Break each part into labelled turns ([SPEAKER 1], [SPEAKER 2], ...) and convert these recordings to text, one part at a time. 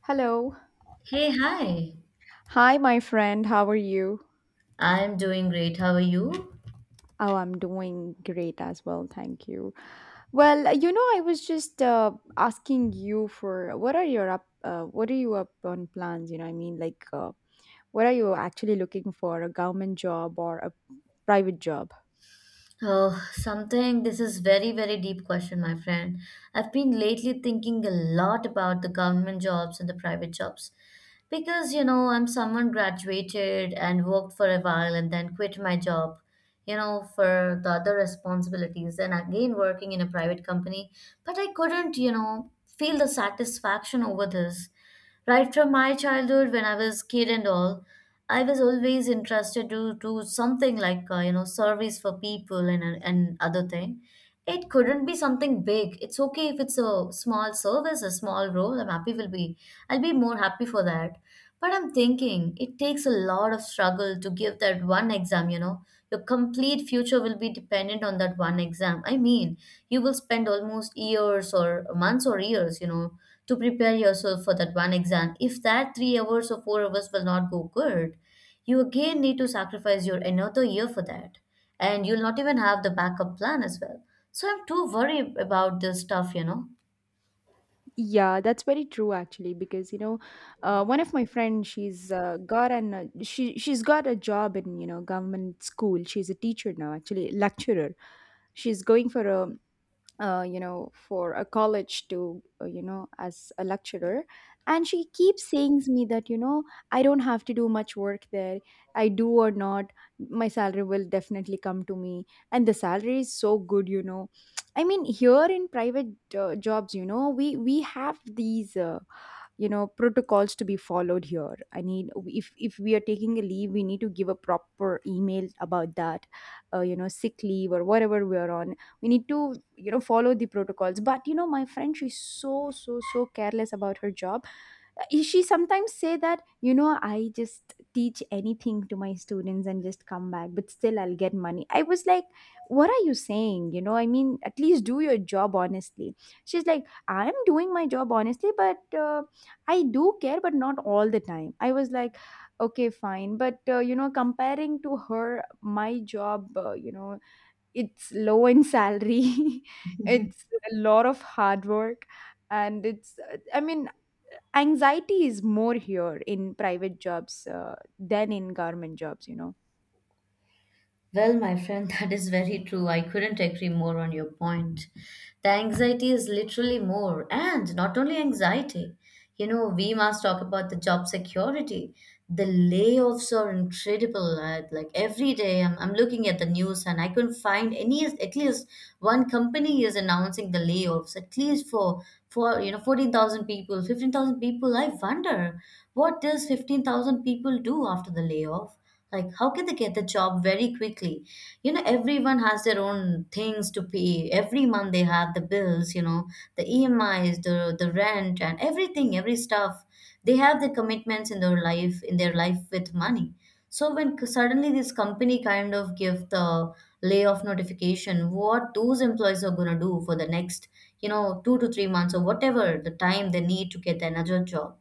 [SPEAKER 1] Hello.
[SPEAKER 2] Hey, hi.
[SPEAKER 1] Hi, my friend. How are you?
[SPEAKER 2] I'm doing great. How are you?
[SPEAKER 1] Oh, I'm doing great as well. Thank you. Well, you know, I was just asking you for what are you up on plans? You know, I mean, like, what are you actually looking for? A government job or a private job?
[SPEAKER 2] Oh, something. This is very, very deep question, my friend. I've been lately thinking a lot about the government jobs and the private jobs. Because, you know, I'm someone graduated and worked for a while and then quit my job, you know, for the other responsibilities and again working in a private company. But I couldn't, you know, feel the satisfaction over this. Right from my childhood, when I was kid and all, I was always interested to do something like, you know, service for people and other thing. It couldn't be something big. It's okay if it's a small service, a small role. I'm happy will be. I'll be more happy for that. But I'm thinking it takes a lot of struggle to give that one exam, you know. Your complete future will be dependent on that one exam. I mean, you will spend almost years or months or years, you know, to prepare yourself for that one exam. If that 3 hours or 4 hours will not go good, you again need to sacrifice your another year for that. And you'll not even have the backup plan as well. So I'm too worried about this stuff, you know.
[SPEAKER 1] Yeah, that's very true actually because one of my friends, she's got an she's got a job in, you know, government school. She's a teacher now, actually lecturer. She's going for a for a college to, as a lecturer. And she keeps saying to me that, you know, I don't have to do much work there. I do or not, my salary will definitely come to me. And the salary is so good, you know. I mean, here in private jobs, you know, we have these. Protocols to be followed here. I need, if we are taking a leave, we need to give a proper email about that, sick leave or whatever we are on, we need to, you know, follow the protocols. But you know, my friend, she's so so so careless about her job. She sometimes say that, you know, I just teach anything to my students and just come back, but still I'll get money. I was like, what are you saying? You know, I mean, at least do your job honestly. She's like, I'm doing my job honestly, but I do care, but not all the time. I was like, okay, fine. But you know, comparing to her, my job, you know, it's low in salary, it's a lot of hard work, and it's I mean, anxiety is more here in private jobs than in government jobs, you know.
[SPEAKER 2] Well, my friend, that is very true. I couldn't agree more on your point. The anxiety is literally more, and not only anxiety. You know, we must talk about the job security. The layoffs are incredible. Like every day, I'm looking at the news and I couldn't find any, at least one company is announcing the layoffs, at least for, you know, 14,000 people, 15,000 people. I wonder what does 15,000 people do after the layoff? Like, how can they get the job very quickly? You know, everyone has their own things to pay. Every month they have the bills, you know, the EMIs, the rent, and everything, every stuff. They have the commitments in their life with money. So when suddenly this company kind of give the layoff notification, what those employees are gonna do for the next, you know, 2 to 3 months or whatever the time they need to get another job,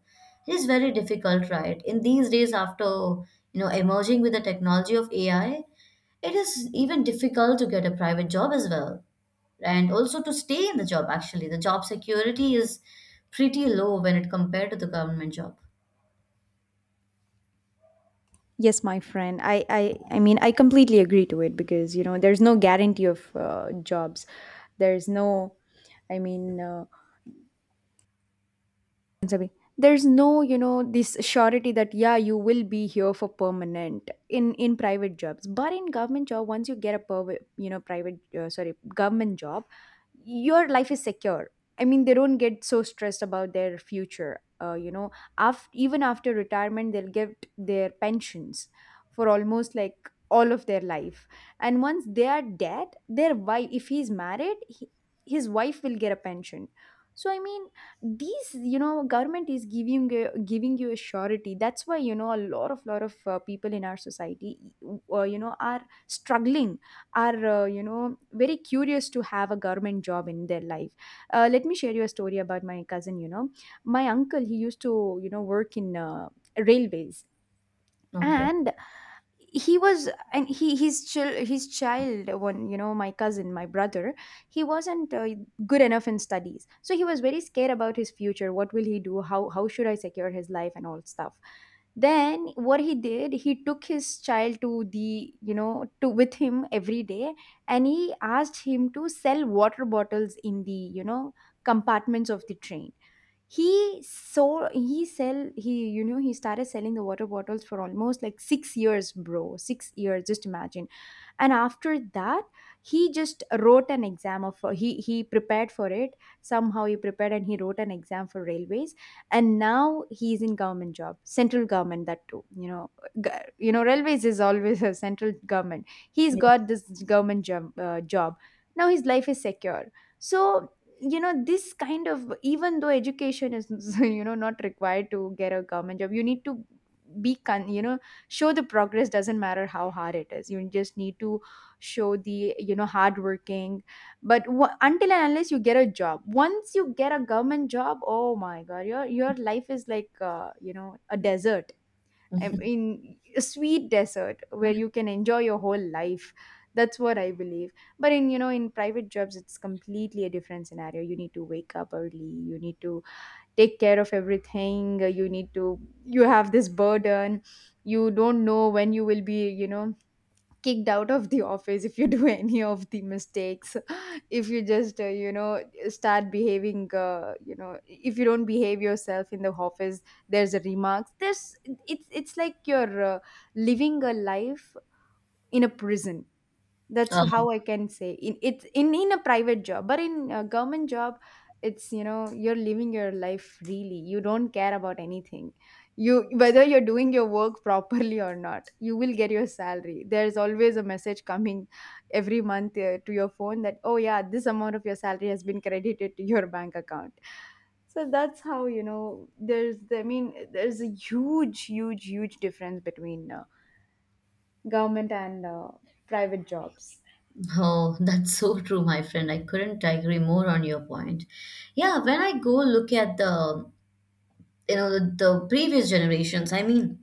[SPEAKER 2] it is very difficult, right? In these days, after you know emerging with the technology of AI, it is even difficult to get a private job as well, and also to stay in the job. Actually, the job security is pretty low when it compared to the government job.
[SPEAKER 1] Yes, my friend. I I mean, I completely agree to it because, you know, there's no guarantee of jobs. There's no, I mean, away, there's no, you know, this surety that, yeah, you will be here for permanent in private jobs. But in government job, once you get a perv- you know private sorry government job, your life is secure. I mean, they don't get so stressed about their future, you know, after, even after retirement, they'll get their pensions for almost like all of their life. And once they are dead, their wife, if he's married, he, his wife will get a pension. So I mean, these, you know, government is giving you, giving you a surety. That's why, you know, a lot of, people in our society, you know, are struggling, are, you know, very curious to have a government job in their life. Let me share you a story about my cousin. You know, my uncle, he used to, you know, work in railways.
[SPEAKER 2] Okay.
[SPEAKER 1] And he was, and he, his child his child one, you know, my cousin, my brother, he wasn't good enough in studies. So he was very scared about his future. What will he do? How should I secure his life and all stuff? Then what he did, he took his child to the, you know, to, with him every day, and he asked him to sell water bottles in the, you know, compartments of the train. He, so he sell, he, you know, he started selling the water bottles for almost like 6 years, bro, 6 years, just imagine. And after that, he just wrote an exam of, he prepared for it, somehow he prepared, and he wrote an exam for railways. And now he's in government job, central government, that too, you know, g- you know, railways is always a central government. He's
[SPEAKER 2] Yes.
[SPEAKER 1] got this government job, job. Now his life is secure. So, you know, this kind of, even though education is, you know, not required to get a government job, you need to be you know, show the progress, doesn't matter how hard it is. You just need to show the, you know, hard working. But until and unless you get a job, once you get a government job, oh my god, your life is like, you know, a desert. I mean, a sweet desert where you can enjoy your whole life. That's what I believe. But, in you know, in private jobs, it's completely a different scenario. You need to wake up early, you need to take care of everything. You need to, you have this burden, you don't know when you will be, you know, kicked out of the office if you do any of the mistakes. If you just you know, start behaving, you know, if you don't behave yourself in the office, there's a remarks, there's, it's like you're living a life in a prison. That's
[SPEAKER 2] Um,
[SPEAKER 1] how I can say in, it's in a private job. But in a government job, it's, you know, you're living your life really, you don't care about anything. You, whether you're doing your work properly or not, you will get your salary. There's always a message coming every month, to your phone that, oh yeah, this amount of your salary has been credited to your bank account. So that's how, you know, there's, I mean, there's a huge, huge, huge difference between government and private jobs.
[SPEAKER 2] oh, that's so true, my friend. I couldn't agree more on your point. Yeah, when I go look at the, you know, the previous generations, I mean,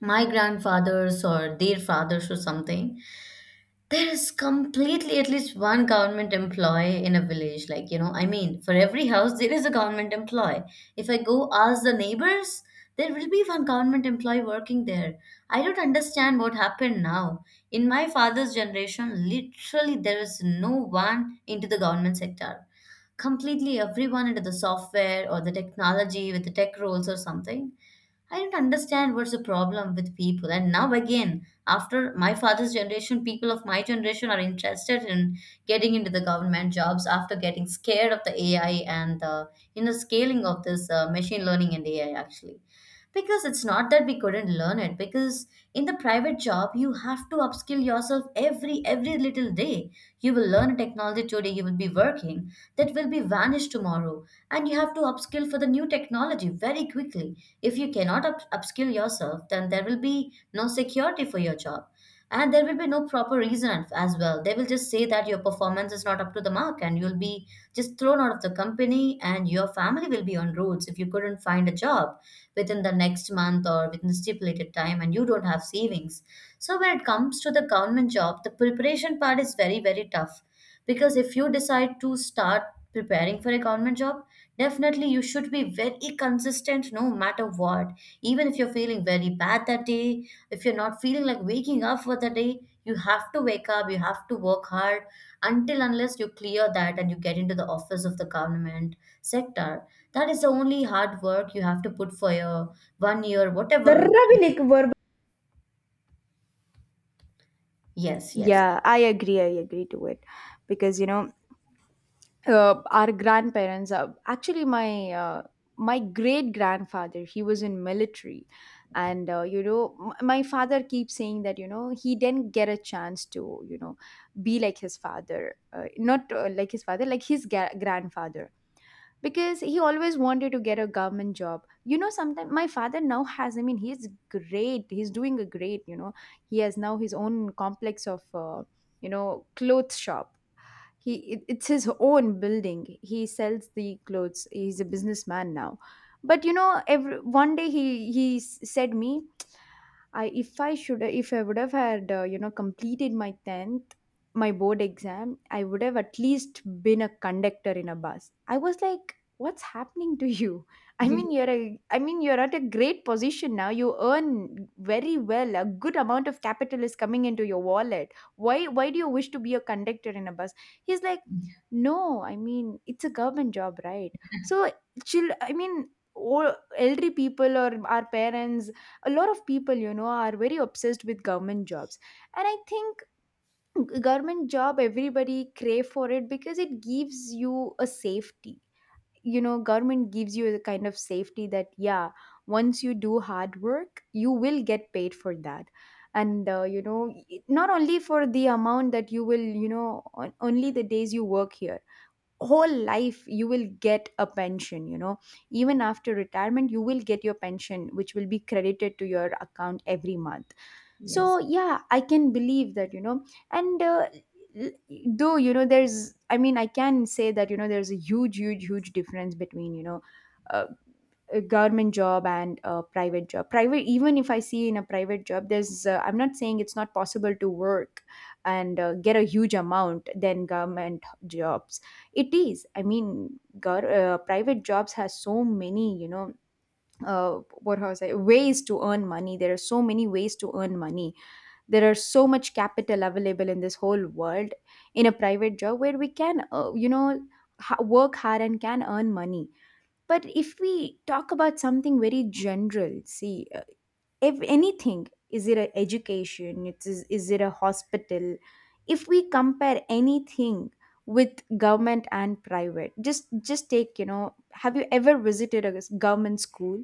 [SPEAKER 2] my grandfathers or their fathers or something, there is completely at least one government employee in a village. Like, you know, I mean, for every house, there is a government employee. If I go ask the neighbors, there will be one government employee working there. I don't understand what happened now. In my father's generation, literally, there is no one into the government sector. Completely everyone into the software or the technology with the tech roles or something. I don't understand what's the problem with people. And now again, after my father's generation, people of my generation are interested in getting into the government jobs after getting scared of the AI and the you know scaling of this machine learning and AI actually. Because it's not that we couldn't learn it, because in the private job, you have to upskill yourself every little day. You will learn a technology today, you will be working, that will be vanished tomorrow. And you have to upskill for the new technology very quickly. If you cannot upskill yourself, then there will be no security for your job. And there will be no proper reason as well. They will just say that your performance is not up to the mark and you'll be just thrown out of the company and your family will be on roads if you couldn't find a job within the next month or within the stipulated time and you don't have savings. So when it comes to the government job, the preparation part is very, very tough, because if you decide to start preparing for a government job, definitely you should be very consistent no matter what. Even if you're feeling very bad that day, if you're not feeling like waking up for the day, you have to wake up, you have to work hard until unless you clear that and you get into the office of the government sector. That is the only hard work you have to put for your 1 year,
[SPEAKER 1] ذرة
[SPEAKER 2] whatever.
[SPEAKER 1] भी like verb.
[SPEAKER 2] Yes, yes.
[SPEAKER 1] Yeah, I agree. I agree to it because, you know, our grandparents are, actually my my great grandfather, he was in military. And you know, my father keeps saying that, you know, he didn't get a chance to, you know, be like his father, not like his father, like his grandfather. Because he always wanted to get a government job. You know, sometimes my father now has, I mean, he's great, he's doing a great, you know, he has now his own complex of, you know, clothes shop. He, it's his own building, he sells the clothes, he's a businessman now. But you know, every one day, he said me, I, if I should, if I would have had, you know, completed my 10th, my board exam, I would have at least been a conductor in a bus. I was like, what's happening to you? I mean, you're a, I mean, you're at a great position now. You earn very well. A good amount of capital is coming into your wallet. Why do you wish to be a conductor in a bus? He's like, no, I mean, it's a government job, right? So chill. I mean, all elderly people or our parents, a lot of people, you know, are very obsessed with government jobs. And I think, government job, everybody crave for it, because it gives you a safety. You know, government gives you a kind of safety that, yeah, once you do hard work, you will get paid for that. And you know, not only for the amount that you will, you know, only the days you work here, whole life you will get a pension, you know, even after retirement, you will get your pension, which will be credited to your account every month. So
[SPEAKER 2] Yes.
[SPEAKER 1] yeah, I can believe that, you know. And l- though, you know, there's, I mean, I can say that, you know, there's a huge, huge, huge difference between, you know, uh, a government job and a private job. Private, even if I see in a private job, there's, I'm not saying it's not possible to work and get a huge amount than government jobs. It is. I mean, private jobs has so many, you know, what was I ways to earn money. There are so many ways to earn money. There are so much capital available in this whole world in a private job where we can, you know, work hard and can earn money. But if we talk about something very general, see, if anything, is it a education, is it a hospital, if we compare anything with government and private, just take, you know, have you ever visited a government school?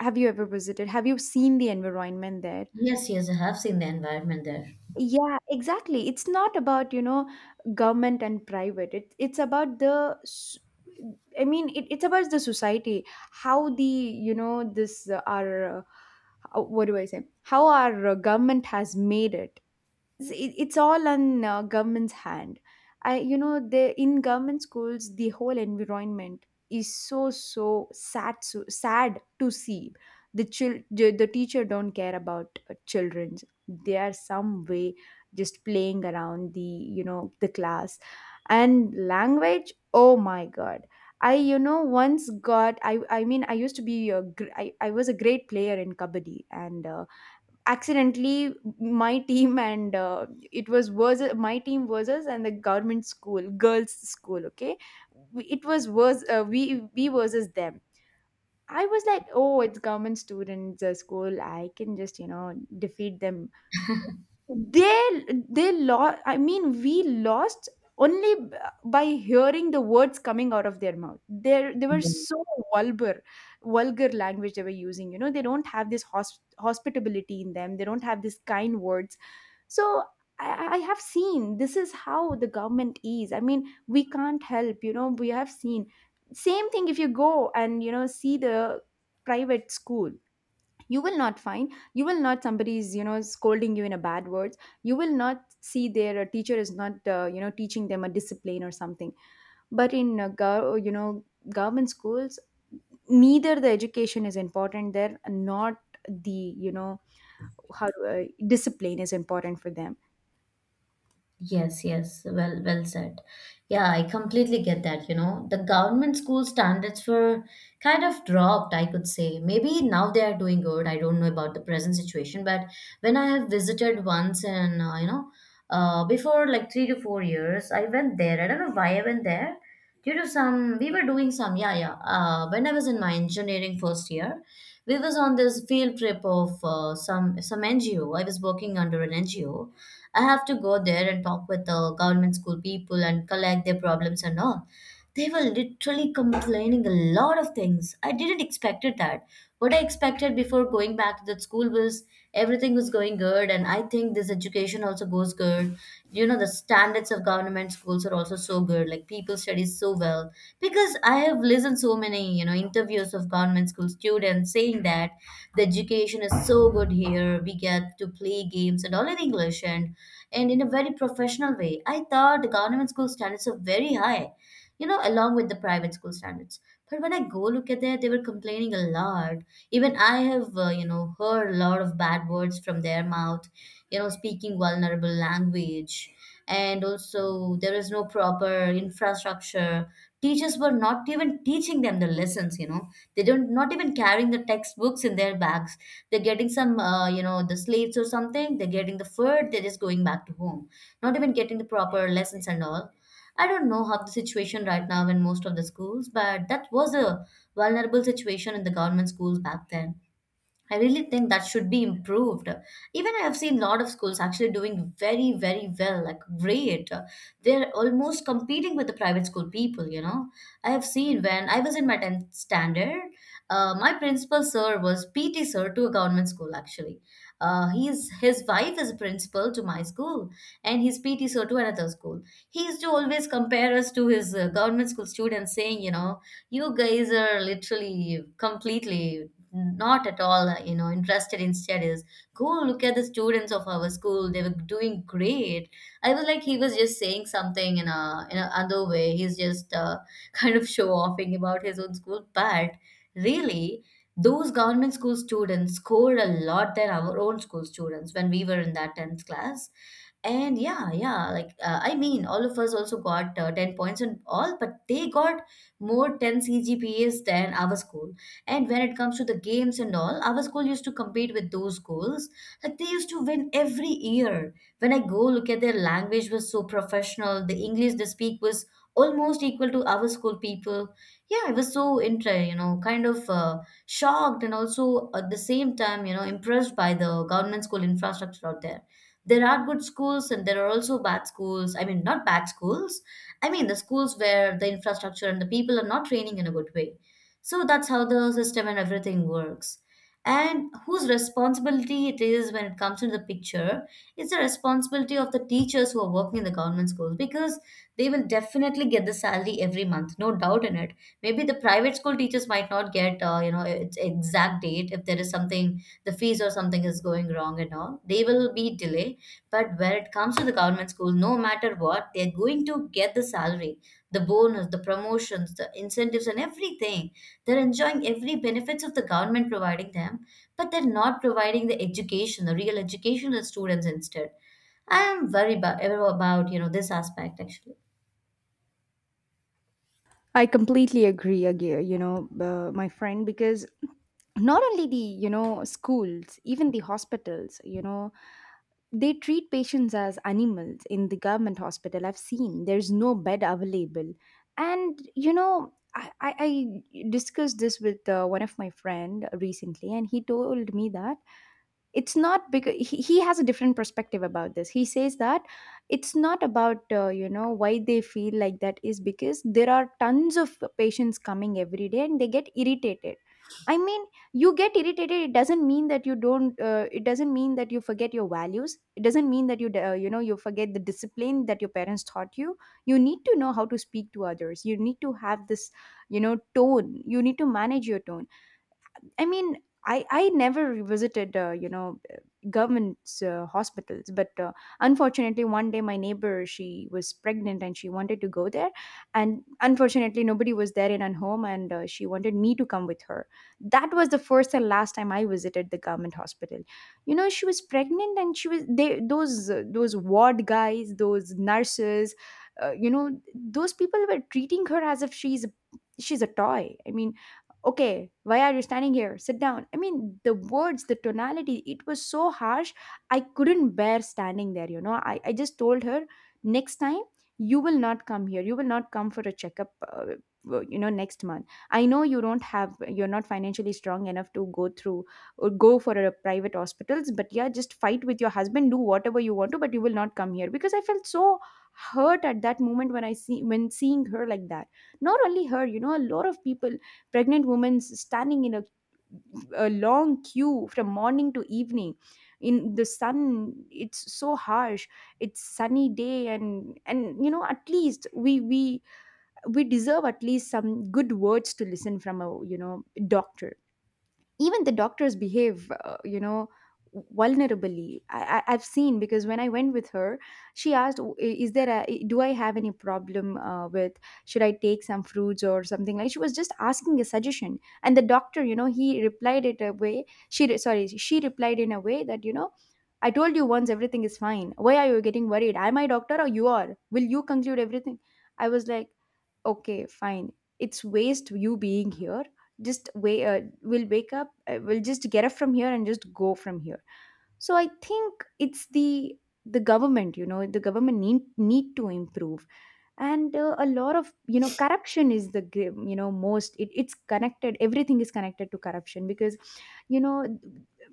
[SPEAKER 1] Have you ever visited, have you seen the environment there?
[SPEAKER 2] Yes, yes, I have seen the environment
[SPEAKER 1] Yeah, exactly. It's not about, you know, government and private. It's about the, I mean, it's about the society. How the, you know, this, our, how, what do I say? How our government has made it it's it's all on government's hand. I you know the in government schools the whole environment is so sad, so sad to see. The chil- the the teacher don't care about children's. They are some way just playing around the, you know, the class. And language, oh my god. I you know once got I mean I used to be a gr- I was a great player in kabaddi and accidentally my team and it was versus, my team versus and the government school, girls school. Okay. We- it was we versus them. I was like, oh, it's government students school, I can just, you know, defeat them. They they lost, I mean we lost, only by hearing the words coming out of their mouth. They were
[SPEAKER 2] there.
[SPEAKER 1] so vulgar. Vulgar language they were using. You know, they don't have this hospitability in them. They don't have this kind words. So I have seen this is how the government is. I mean, we can't help, you know. We have seen same thing if you go and, you know, see the private school. You will not, somebody's, you know, scolding you in a bad words. You will not see their teacher is not, you know, teaching them a discipline or something. But in you know, government schools, neither the education is important there, not the, you know, how discipline is important for them.
[SPEAKER 2] Yes, yes, well, well said. Yeah, I completely get that. You know, the government school standards were kind of dropped, I could say. Maybe now they are doing good. I don't know about the present situation, but when I have visited once and, you know, before like 3 to 4 years, I went there. I don't know why I went there. Due to some, we were doing some, yeah, yeah. When I was in my engineering first year, we was on this field trip of some NGO. I was working under an NGO. I have to go there and talk with the government school people and collect their problems and all. They were literally complaining a lot of things. I didn't expect it that. What I expected before going back to that school was everything was going good, and I think this education also goes good. You know, the standards of government schools are also so good. Like people study so well because I have listened so many you know interviews of government school students saying that the education is so good here. We get to play games and all in English, and in a very professional way. I thought the government school standards are very high, you know, along with the private school standards. But when I go look at that, they were complaining a lot. Even I have, you know, heard a lot of bad words from their mouth, you know, speaking vulnerable language. And also, there is no proper infrastructure. Teachers were not even teaching them the lessons, you know. They don't not even carrying the textbooks in their bags. They're getting some, you know, the slates or something. They're getting the food. They're just going back to home, not even getting the proper lessons and all. I don't know how the situation right now in most of the schools, but that was a vulnerable situation in the government schools back then. I really think that should be improved. Even I have seen a lot of schools actually doing very, very well, like great. They're almost competing with the private school people, you know. I have seen when I was in my 10th standard, my principal sir was PT sir to a government school actually. His wife is a principal to my school and he's PT sir to another school. He used to always compare us to his government school students saying, you know, you guys are literally completely not at all you know interested in studies. Go look at the students of our school. They were doing great. I was like, he was just saying something in a in another way. He's just kind of show offing about his own school, but really, those government school students scored a lot than our own school students when we were in that 10th class. And yeah, yeah, like I mean, all of us also got 10 points and all, but they got more 10 cgpas than our school. And when it comes to the games and all, our school used to compete with those schools. Like they used to win every year. When I go look at their language was so professional, the English they speak was almost equal to our school people. Yeah, I was so you know, kind of shocked and also at the same time, you know, impressed by the government school infrastructure out there. There are good schools and there are also bad schools. I mean, not bad schools. I mean, the schools where the infrastructure and the people are not training in a good way, so that's how the system and everything works. And whose responsibility it is when it comes into the picture, it's the responsibility of the teachers who are working in the government schools because they will definitely get the salary every month, no doubt in it. Maybe the private school teachers might not get, you know, its exact date if there is something, the fees or something is going wrong and all. They will be delay. But when it comes to the government school, no matter what, they're going to get the salary, the bonus, the promotions, the incentives, and everything they're enjoying every benefits of the government providing them, but they're not providing the education, the real education to the students instead. I am very about this aspect actually.
[SPEAKER 1] I completely agree, Agir, you know, my friend, because not only the, you know, schools, even the hospitals, you know, they treat patients as animals in the government hospital. I've seen there's no bed available. And, you know, I discussed this with one of my friend recently, and he told me that it's not because he has a different perspective about this. He says that it's not about, you know, why they feel like that is because there are tons of patients coming every day and they get irritated. I mean, you get irritated, it doesn't mean that you don't it doesn't mean that you forget your values. It doesn't mean that you you know, you forget the discipline that your parents taught you. You need to know how to speak to others. You need to have this, you know, tone. You need to manage your tone. I mean, I never visited, you know, government's hospitals, but unfortunately, one day my neighbor, she was pregnant and she wanted to go there, and unfortunately, nobody was there in her home, and she wanted me to come with her. That was the first and last time I visited the government hospital. You know, she was pregnant, and she was, they, those ward guys, those nurses, you know, those people were treating her as if she's a toy. I mean, okay, why are you standing here, sit down. I mean the words, the tonality, it was so harsh. I couldn't bear standing there. You know, I just told her, next time you will not come here. You will not come for a checkup, you know, next month. I know you don't have, you're not financially strong enough to go through or go for a private hospitals, but yeah, just fight with your husband, do whatever you want to, but you will not come here, because I felt so hurt at that moment when I see when seeing her like that. Not only her, you know, a lot of people, pregnant women standing in a long queue from morning to evening in the sun. It's so harsh. It's sunny day. And you know, at least we deserve at least some good words to listen from a, you know, doctor. Even the doctors behave, you know, vulnerably. I I've seen, because when I went with her, she asked, "Oh, is there a, do I have any problem with should I take some fruits or something," like she was just asking a suggestion. And the doctor, you know, he replied it a way, sorry, she replied in a way that, you know, I told you once, everything is fine, why are you getting worried, am I doctor or you are, will you conclude everything. I was like, okay fine, it's waste you being here, just wait, we'll just get up from here and just go from here. So I think it's the government, you know, the government need to improve. And a lot of, you know, corruption is the you know, most it's connected, everything is connected to corruption, because, you know,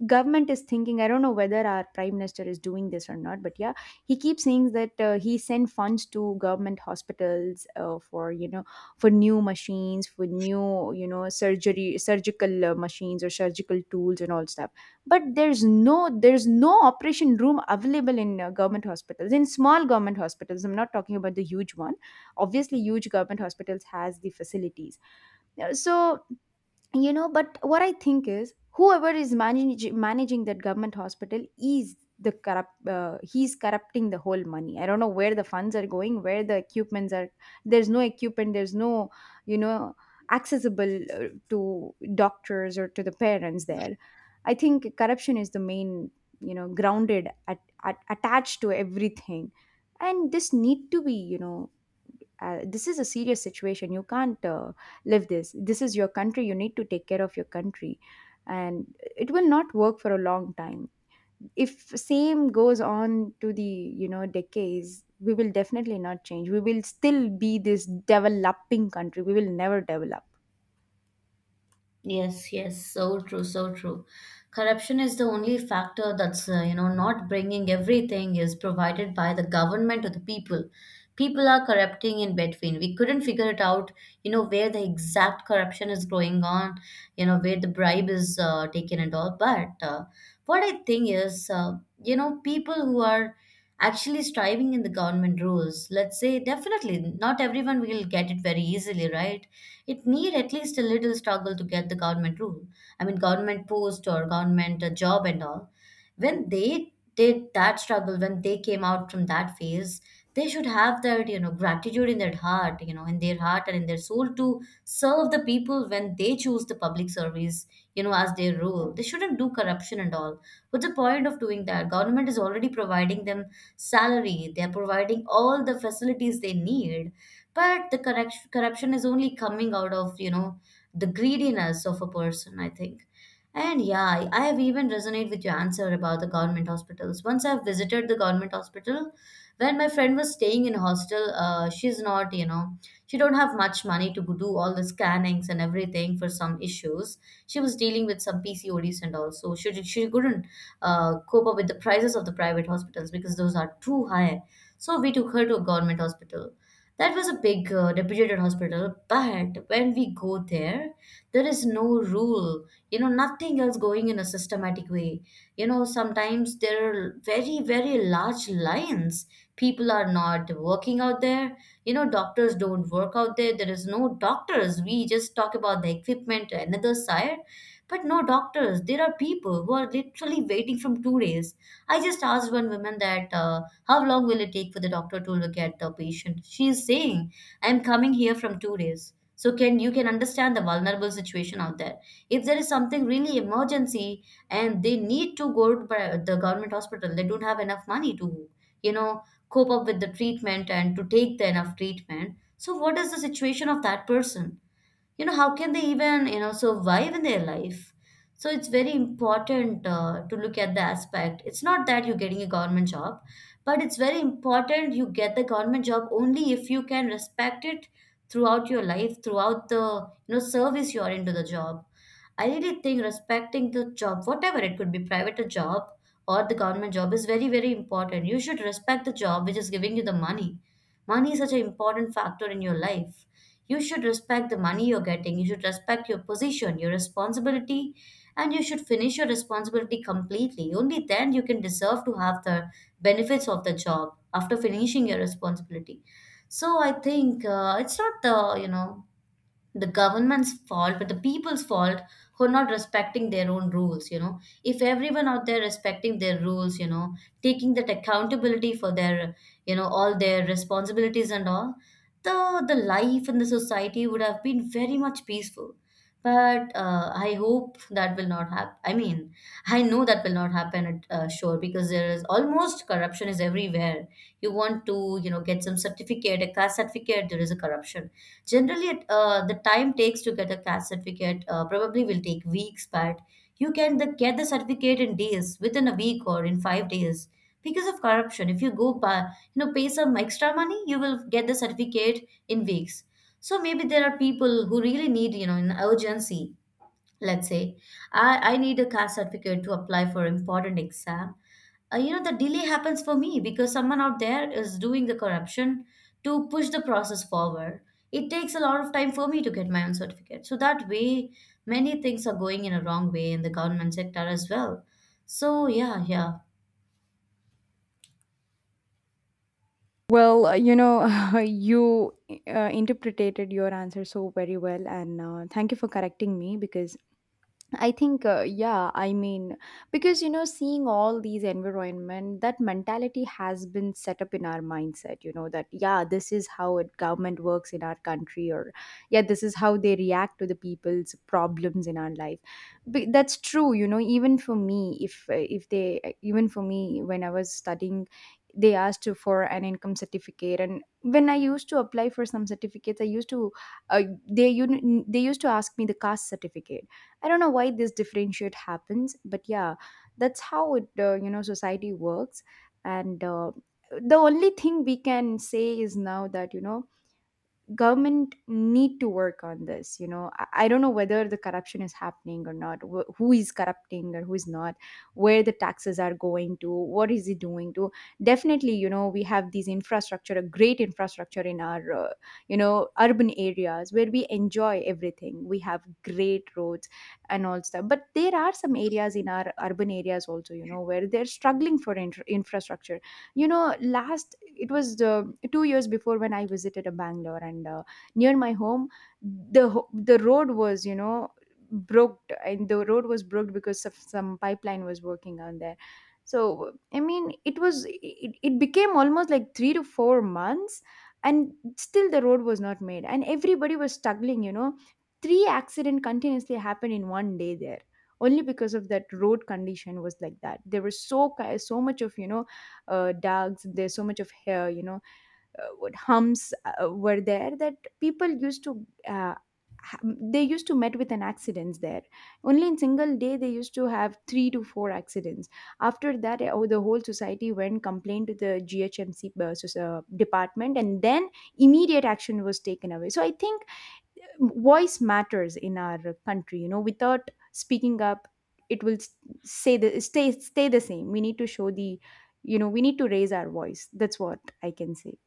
[SPEAKER 1] government is thinking, I don't know whether our prime minister is doing this or not, but yeah, he keeps saying that he sent funds to government hospitals, for, you know, for new machines, for new, you know, surgery, surgical machines or surgical tools and all stuff. But there's no, there's no operation room available in government hospitals, in small government hospitals. I'm not talking about the huge one. Obviously huge government hospitals has the facilities. So you know, but what I think is, whoever is managing that government hospital is the corrupt, he's corrupting the whole money. I don't know where the funds are going, where the equipments are. There's no equipment. There's no, you know, accessible to doctors or to the parents there. I think corruption is the main, you know, grounded at attached to everything. And this need to be, you know, this is a serious situation. You can't live this. This is your country. You need to take care of your country. And it will not work for a long time if same goes on to the, you know, decades. We will definitely not change. We will still be this developing country. We will never develop.
[SPEAKER 2] Yes, yes, so true, so true. Corruption is the only factor that's, not bringing everything is provided by the government or the people. People are corrupting in between. We couldn't figure it out, where the exact corruption is going on, where the bribe is taken and all. But what I think is, people who are actually striving in the government rules, let's say, definitely not everyone will get it very easily, right? It need at least a little struggle to get the government rule. I mean, government post or government job and all. When they did that struggle, when they came out from that phase, they should have that gratitude in their heart, in their heart and in their soul to serve the people when they choose the public service, as their role. They shouldn't do corruption and all. What's the point of doing that? Government is already providing them salary. They are providing all the facilities they need. But the corruption is only coming out of, the greediness of a person, I think. And yeah, I have even resonate with your answer about the government hospitals. Once I've visited the government hospital, when my friend was staying in hostel, she's not, she don't have much money to do all the scannings and everything for some issues. She was dealing with some pcods and all, so she couldn't cope up with the prices of the private hospitals because those are too high. So we took her to a government hospital. That was a big reputed hospital, but when we go there, there is no rule, nothing else going in a systematic way. Sometimes there are very, very large lines. People are not working out there. Doctors don't work out there. There is no doctors. We just talk about the equipment, another side, but no doctors. There are people who are literally waiting from 2 days. I just asked one woman that. How long will it take for the doctor to look at the patient? She is saying, I am coming here from 2 days. So can you can understand the vulnerable situation out there. If there is something really emergency and they need to go to the government hospital, they don't have enough money to, you know, cope up with the treatment and to take the enough treatment. So what is the situation of that person? How can they even survive in their life? So it's very important to look at the aspect. It's not that you're getting a government job, but it's very important you get the government job only if you can respect it throughout your life, throughout the service you're into the job. I really think respecting the job, whatever it could be, private job or the government job, is very, very important. You should respect the job which is giving you the money. Money is such an important factor in your life. You should respect the money you're getting. You should respect your position, your responsibility, and you should finish your responsibility completely. Only then you can deserve to have the benefits of the job after finishing your responsibility. So I think it's not the, the government's fault but the people's fault who are not respecting their own rules. If everyone out there respecting their rules, taking that accountability for their all their responsibilities and all, the life in the society would have been very much peaceful. But I hope that will not happen. I mean, I know that will not happen at sure, because there is almost corruption is everywhere. You want to, get some certificate, a caste certificate, there is a corruption. Generally, the time takes to get a caste certificate probably will take weeks, but you can get the certificate in days, within a week or in 5 days, because of corruption. If you go, pay some extra money, you will get the certificate in weeks. So maybe there are people who really need, an urgency. Let's say I need a caste certificate to apply for important exam. The delay happens for me because someone out there is doing the corruption to push the process forward. It takes a lot of time for me to get my own certificate. So that way, many things are going in a wrong way in the government sector as well. So yeah, yeah.
[SPEAKER 1] Well, you know, you interpreted your answer so very well, and thank you for correcting me, because I think, yeah, I mean, because you know, seeing all these environment, that mentality has been set up in our mindset, you know, that, yeah, this is how it government works in our country, or yeah, this is how they react to the people's problems in our life. But that's true, you know, even for me, if they, even for me, when I was studying, they for an income certificate, and when I used to apply for some certificates, I used to uh, they used to ask me the caste certificate. I don't know why this differentiate happens, but yeah, that's how it, you know, society works. And the only thing we can say is now that, you know, government need to work on this. You know, I don't know whether the corruption is happening or not, who is corrupting or who is not, where the taxes are going to, what is it doing to. Definitely, you know, we have these infrastructure, a great infrastructure, in our you know, urban areas, where we enjoy everything. We have great roads and all stuff. But there are some areas in our urban areas also, you know, where they're struggling for infrastructure. You know, last it was 2 years before when I visited a Bangalore, and near my home the the road was, you know, broke. And the road was broke because of some pipeline was working on there. So, I mean, it was, it became almost like 3 to 4 months, and still the road was not made, and everybody was struggling. You know, three accident continuously happened in one day there, only because of that road condition was like that. There was so so much of, you know, dogs, there's so much of hair, you know, what humps were there, that people used to they used to met with an accidents there. Only in single day they used to have three to four accidents. After that, the whole society went complained to the GHMC department, and then immediate action was taken away. So I think voice matters in our country, you know. Without speaking up it will s- say the stay the same. We need to show the, you know, we need to raise our voice. That's what I can say.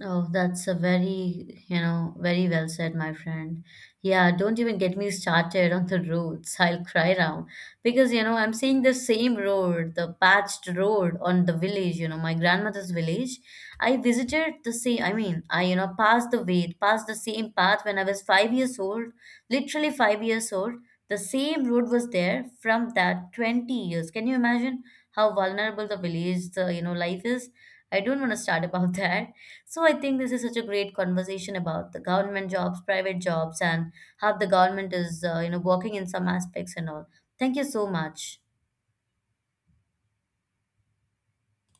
[SPEAKER 2] Oh, that's a very, very well said, my friend. Yeah, don't even get me started on the roads. I'll cry now because, I'm seeing the same road, the patched road on the village, my grandmother's village. I visited the same, I mean, I, passed the way, passed the same path when I was 5 years old, literally 5 years old. The same road was there from that 20 years. Can you imagine how vulnerable the village, the, life is? I don't want to start about that. So I think this is such a great conversation about the government jobs, private jobs, and how the government is, working in some aspects and all. Thank you so much.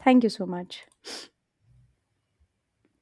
[SPEAKER 1] Thank you so much.